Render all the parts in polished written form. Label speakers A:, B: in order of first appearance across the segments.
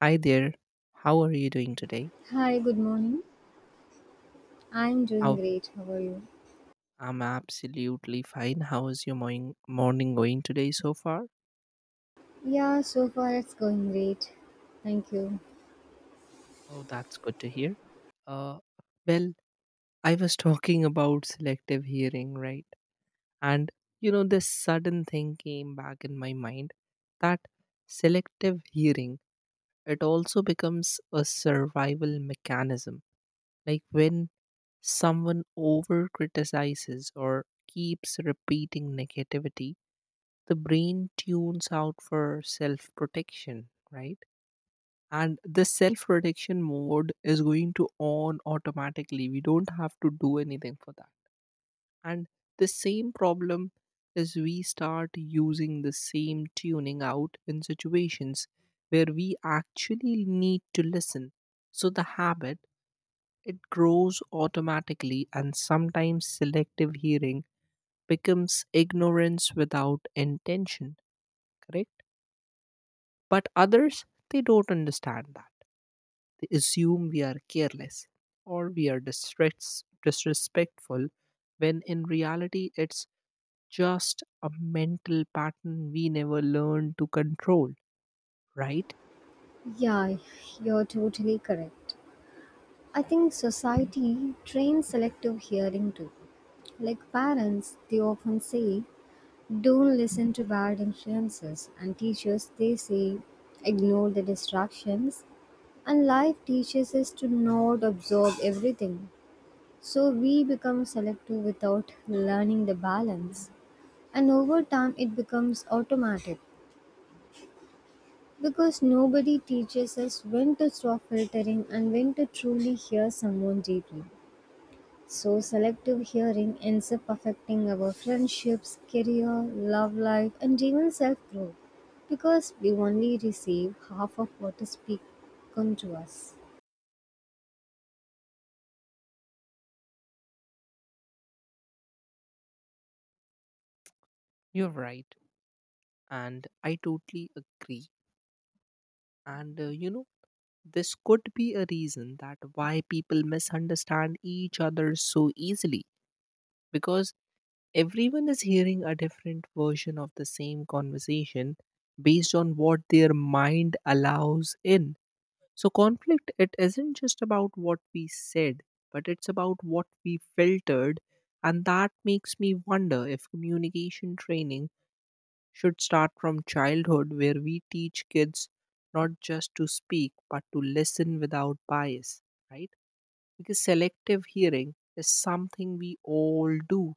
A: Hi there. How are you doing today?
B: Hi, good morning. I'm doing
A: How
B: great. How are you?
A: I'm absolutely fine. How is your morning going today so far?
B: Yeah, so far it's going great. Thank you.
A: Oh, that's good to hear. Uh, well, I was talking about selective hearing, right? And this sudden thing came back in my mind that selective hearing, it also becomes a survival mechanism. Like when someone over criticizes or keeps repeating negativity, the brain tunes out for self protection, right? And the self protection mode is going to on automatically. We don't have to do anything for that. And the same problem is we start using the same tuning out in situations where we actually need to listen. So the habit, it grows automatically, and sometimes selective hearing becomes ignorance without intention, correct? But others, they don't understand that. They assume we are careless or we are disrespectful when in reality it's just a mental pattern we never learned to control, right?
B: Yeah, you're totally correct. I think society trains selective hearing too. Like parents, they often say, don't listen to bad influences, and teachers, they say, ignore the distractions. And life teaches us to not absorb everything. So we become selective without learning the balance. And over time, it becomes automatic because nobody teaches us when to stop filtering and when to truly hear someone deeply. So, selective hearing ends up affecting our friendships, career, love life, and even self growth because we only receive half of what is spoken to us.
A: You're right. And I totally agree. And this could be a reason that why people misunderstand each other so easily, because everyone is hearing a different version of the same conversation based on what their mind allows in. So, conflict, it isn't just about what we said, but it's about what we filtered. And that makes me wonder if communication training should start from childhood, where we teach kids not just to speak, but to listen without bias, right? Because selective hearing is something we all do,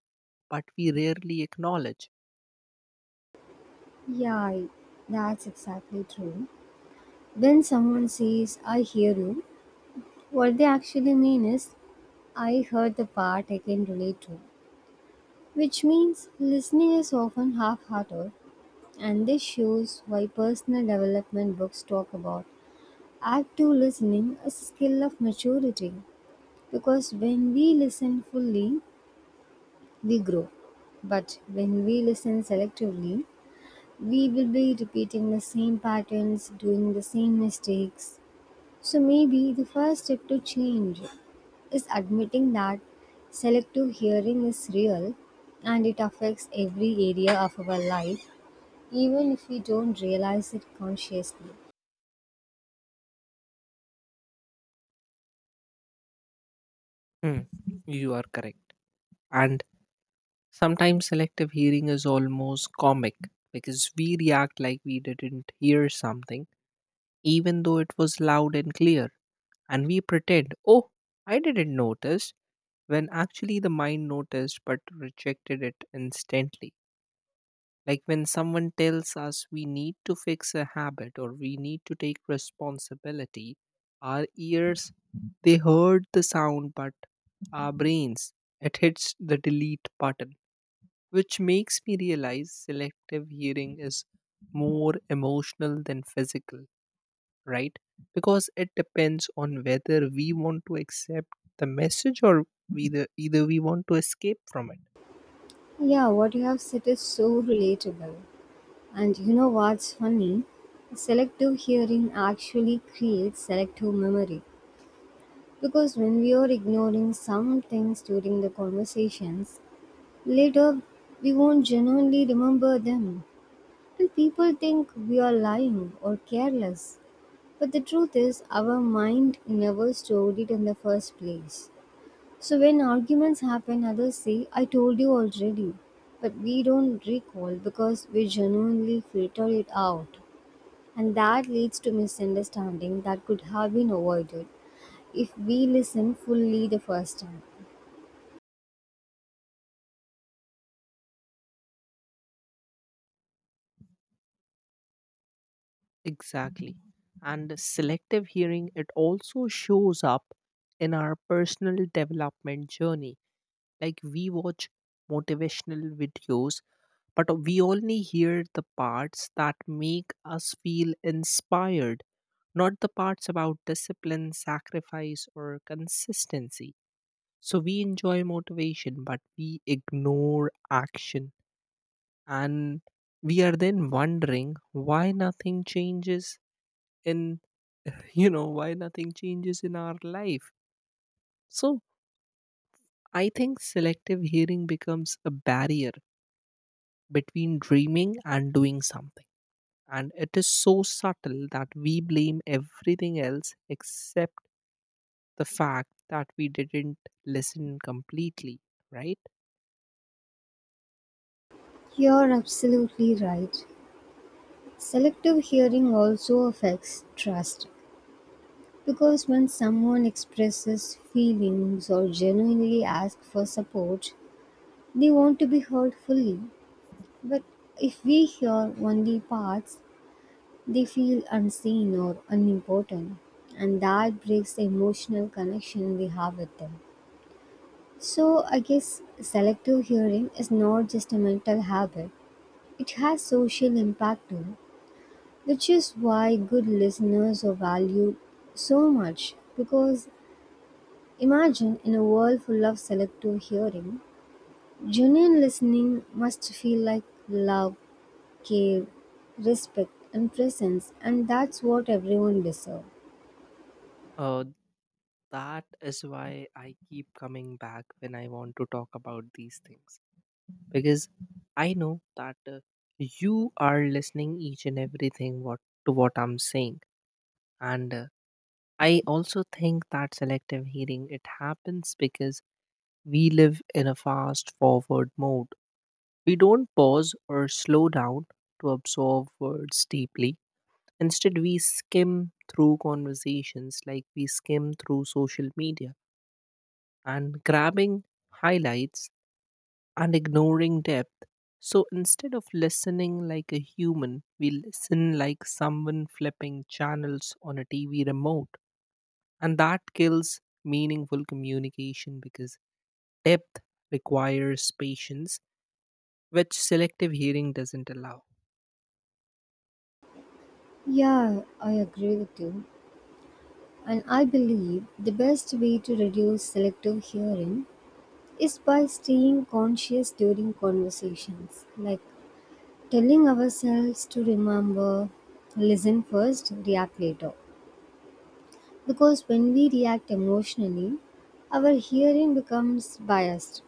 A: but we rarely acknowledge.
B: Yeah, I- that's exactly true. When someone says, I hear you, what they actually mean is, I heard the part I can relate to. Which means listening is often half hearted, and this shows why personal development books talk about active listening as a skill of maturity. Because when we listen fully, we grow. But when we listen selectively, we will be repeating the same patterns, doing the same mistakes. So maybe the first step to change is admitting that selective hearing is real and it affects every area of our life even if we don't realize it consciously.
A: Hmm. You are correct. And sometimes selective hearing is almost comic, because we react like we didn't hear something, even though it was loud and clear. And we pretend, oh, I didn't notice, when actually the mind noticed but rejected it instantly. Like when someone tells us we need to fix a habit or we need to take responsibility, our ears, they heard the sound, but our brains, it hits the delete button, which makes me realize selective hearing is more emotional than physical, right? Because it depends on whether we want to accept the message, or either we want to escape from it.
B: Yeah, what you have said is so relatable. And you know what's funny? Selective hearing actually creates selective memory. Because when we are ignoring some things during the conversations, later we won't genuinely remember them. And people think we are lying or careless. But the truth is, our mind never stored it in the first place. So when arguments happen, others say, I told you already. But we don't recall because we genuinely filter it out. And that leads to misunderstanding that could have been avoided if we listen fully the first time.
A: Exactly. And selective hearing, it also shows up in our personal development journey. Like we watch motivational videos, but we only hear the parts that make us feel inspired, not the parts about discipline, sacrifice, or consistency. So we enjoy motivation, but we ignore action. And we are then wondering why nothing changes in why nothing changes in our life. So I think selective hearing becomes a barrier between dreaming and doing something, and it is so subtle that we blame everything else except the fact that we didn't listen completely, right?
B: You're absolutely right. Selective hearing also affects trust because when someone expresses feelings or genuinely asks for support, they want to be heard fully. But if we hear only parts, they feel unseen or unimportant, and that breaks the emotional connection we have with them. So, I guess selective hearing is not just a mental habit, it has social impact too, which is why good listeners are valued so much. Because imagine in a world full of selective hearing, genuine listening must feel like love care, respect, and presence, and that's what everyone deserves.
A: Uh, that is why I keep coming back when I want to talk about these things, because I know that you are listening each and everything what to what I'm saying. And I also think that selective hearing, it happens because we live in a fast forward mode. We don't pause or slow down to absorb words deeply. Instead we skim through conversations like we skim through social media, and grabbing highlights and ignoring depth. So instead of listening like a human, we listen like someone flipping channels on a TV remote. And that kills meaningful communication because depth requires patience, which selective hearing doesn't allow.
B: Yeah, I agree with you. And I believe the best way to reduce selective hearing is by staying conscious during conversations, like telling ourselves to remember, listen first, react later. Because when we react emotionally, our hearing becomes biased.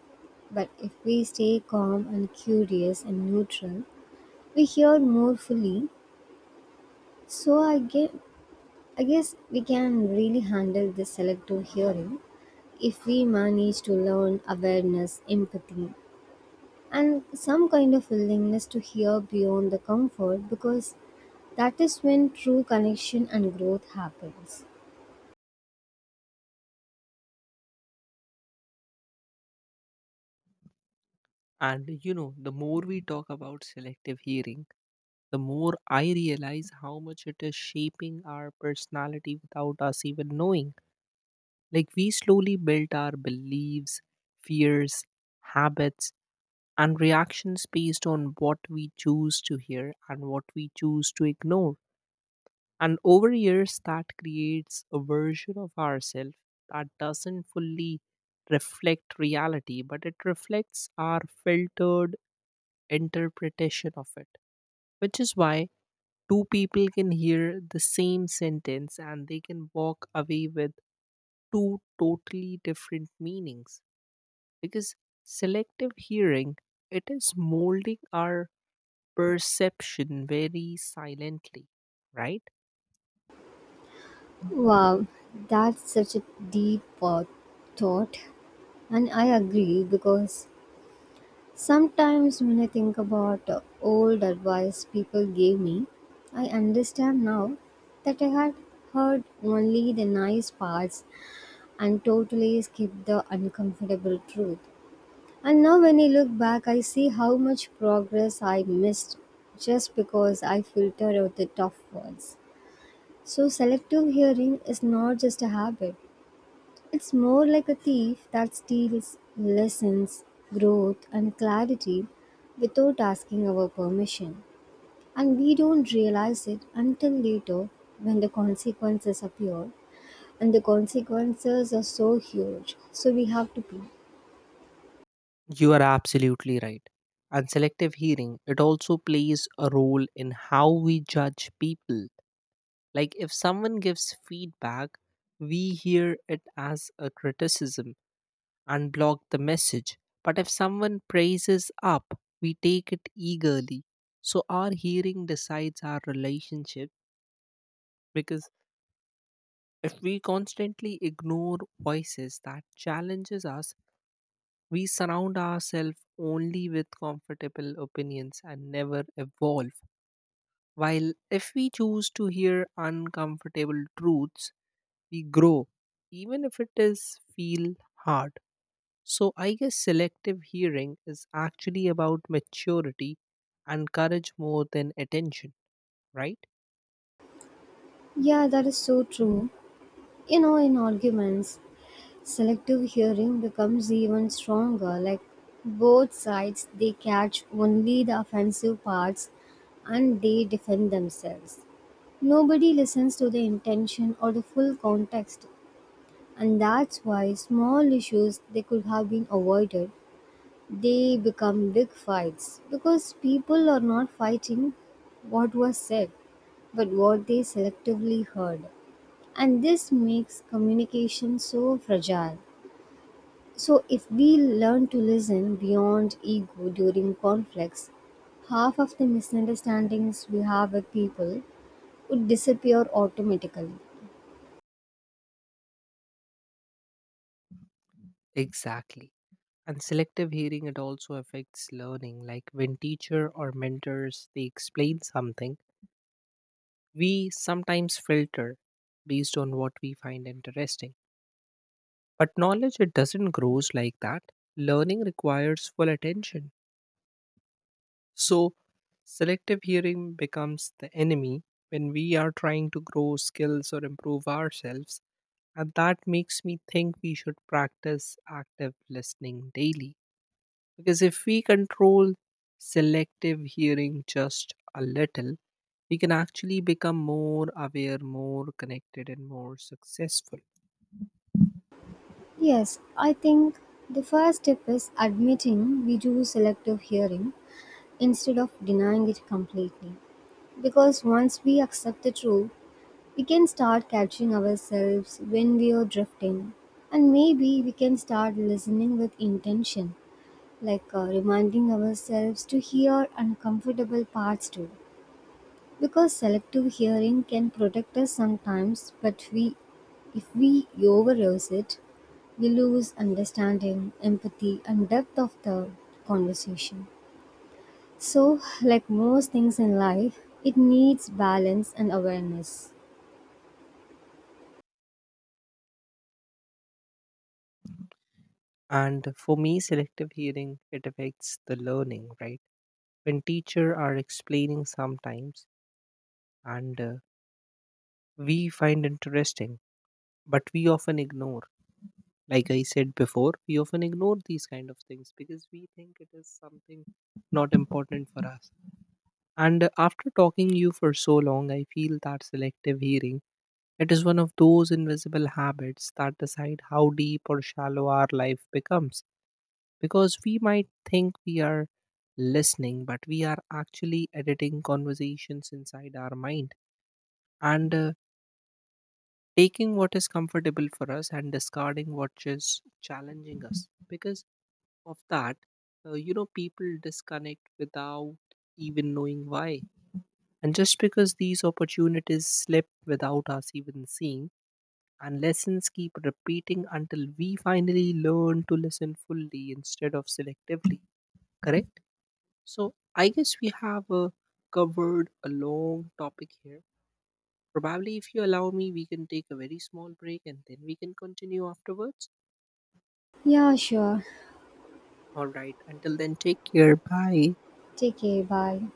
B: But if we stay calm and curious and neutral, we hear more fully, so I guess we can really handle this selective hearing if we manage to learn awareness, empathy, and some kind of willingness to hear beyond the comfort because that is when true connection and growth happens.
A: And you know, the more we talk about selective hearing, the more I realize how much it is shaping our personality without us even knowing. Like, we slowly built our beliefs, fears, habits, and reactions based on what we choose to hear and what we choose to ignore. And over years, that creates a version of ourselves that doesn't fully reflect reality, but it reflects our filtered interpretation of it, which is why two people can hear the same sentence and they can walk away with two totally different meanings, because selective hearing, it is molding our perception very silently, right?
B: Wow, that's such a deep thought. And I agree because sometimes, when I think about old advice people gave me, I understand now that I had heard only the nice parts and totally skipped the uncomfortable truth. And now, when I look back, I see how much progress I missed just because I filtered out the tough words. So, selective hearing is not just a habit, it's more like a thief that steals lessons, growth, and clarity without asking our permission. And we don't realize it until later when the consequences appear. And the consequences are so huge, so we have to pay.
A: You are absolutely right. And selective hearing, it also plays a role in how we judge people. Like if someone gives feedback, we hear it as a criticism and block the message. But if someone praises up, we take it eagerly. So our hearing decides our relationship, because if we constantly ignore voices that challenges us, we surround ourselves only with comfortable opinions and never evolve. While if we choose to hear uncomfortable truths, we grow, even if it is feel hard. So I guess selective hearing is actually about maturity and courage more than attention, right?
B: Yeah, that is so true. You know, in arguments, selective hearing becomes even stronger. Like both sides, they catch only the offensive parts and they defend themselves. Nobody listens to the intention or the full context, and that's why small issues they could have been avoided, they become big fights because people are not fighting what was said, but what they selectively heard. And this makes communication so fragile. So, if we learn to listen beyond ego during conflicts, half of the misunderstandings we have with people would disappear automatically.
A: Exactly. And selective hearing, it also affects learning. Like when teacher or mentors they explain something, we sometimes filter based on what we find interesting, but knowledge it doesn't grows like that. Learning requires full attention. So selective hearing becomes the enemy when we are trying to grow skills or improve ourselves. And that makes me think we should practice active listening daily, because if we control selective hearing just a little, we can actually become more aware, more connected, and more successful.
B: Yes, I think the first step is admitting we do selective hearing instead of denying it completely. Because once we accept the truth, we can start catching ourselves when we are drifting. And maybe we can start listening with intention, like reminding ourselves to hear uncomfortable parts too. Because selective hearing can protect us sometimes, but we if we overuse it, we lose understanding, empathy, and depth of the conversation. So, like most things in life, it needs balance and awareness.
A: And for me, selective hearing, it affects the learning, right? When teacher are explaining sometimes, and we find interesting, but we often ignore. Like I said before, we often ignore these kind of things because we think it is something not important for us. And after talking you for so long, I feel that selective hearing, it is one of those invisible habits that decide how deep or shallow our life becomes. Because we might think we are listening, but we are actually editing conversations inside our mind, and taking what is comfortable for us and discarding what is challenging us. Because of that, people disconnect without even knowing why. And just because these opportunities slip without us even seeing, and lessons keep repeating until we finally learn to listen fully instead of selectively. Correct? So I guess we have covered a long topic here. Probably, if you allow me, we can take a very small break and then we can continue afterwards.
B: Yeah, sure.
A: All right. Until then, take care. Bye.
B: Take care. Bye.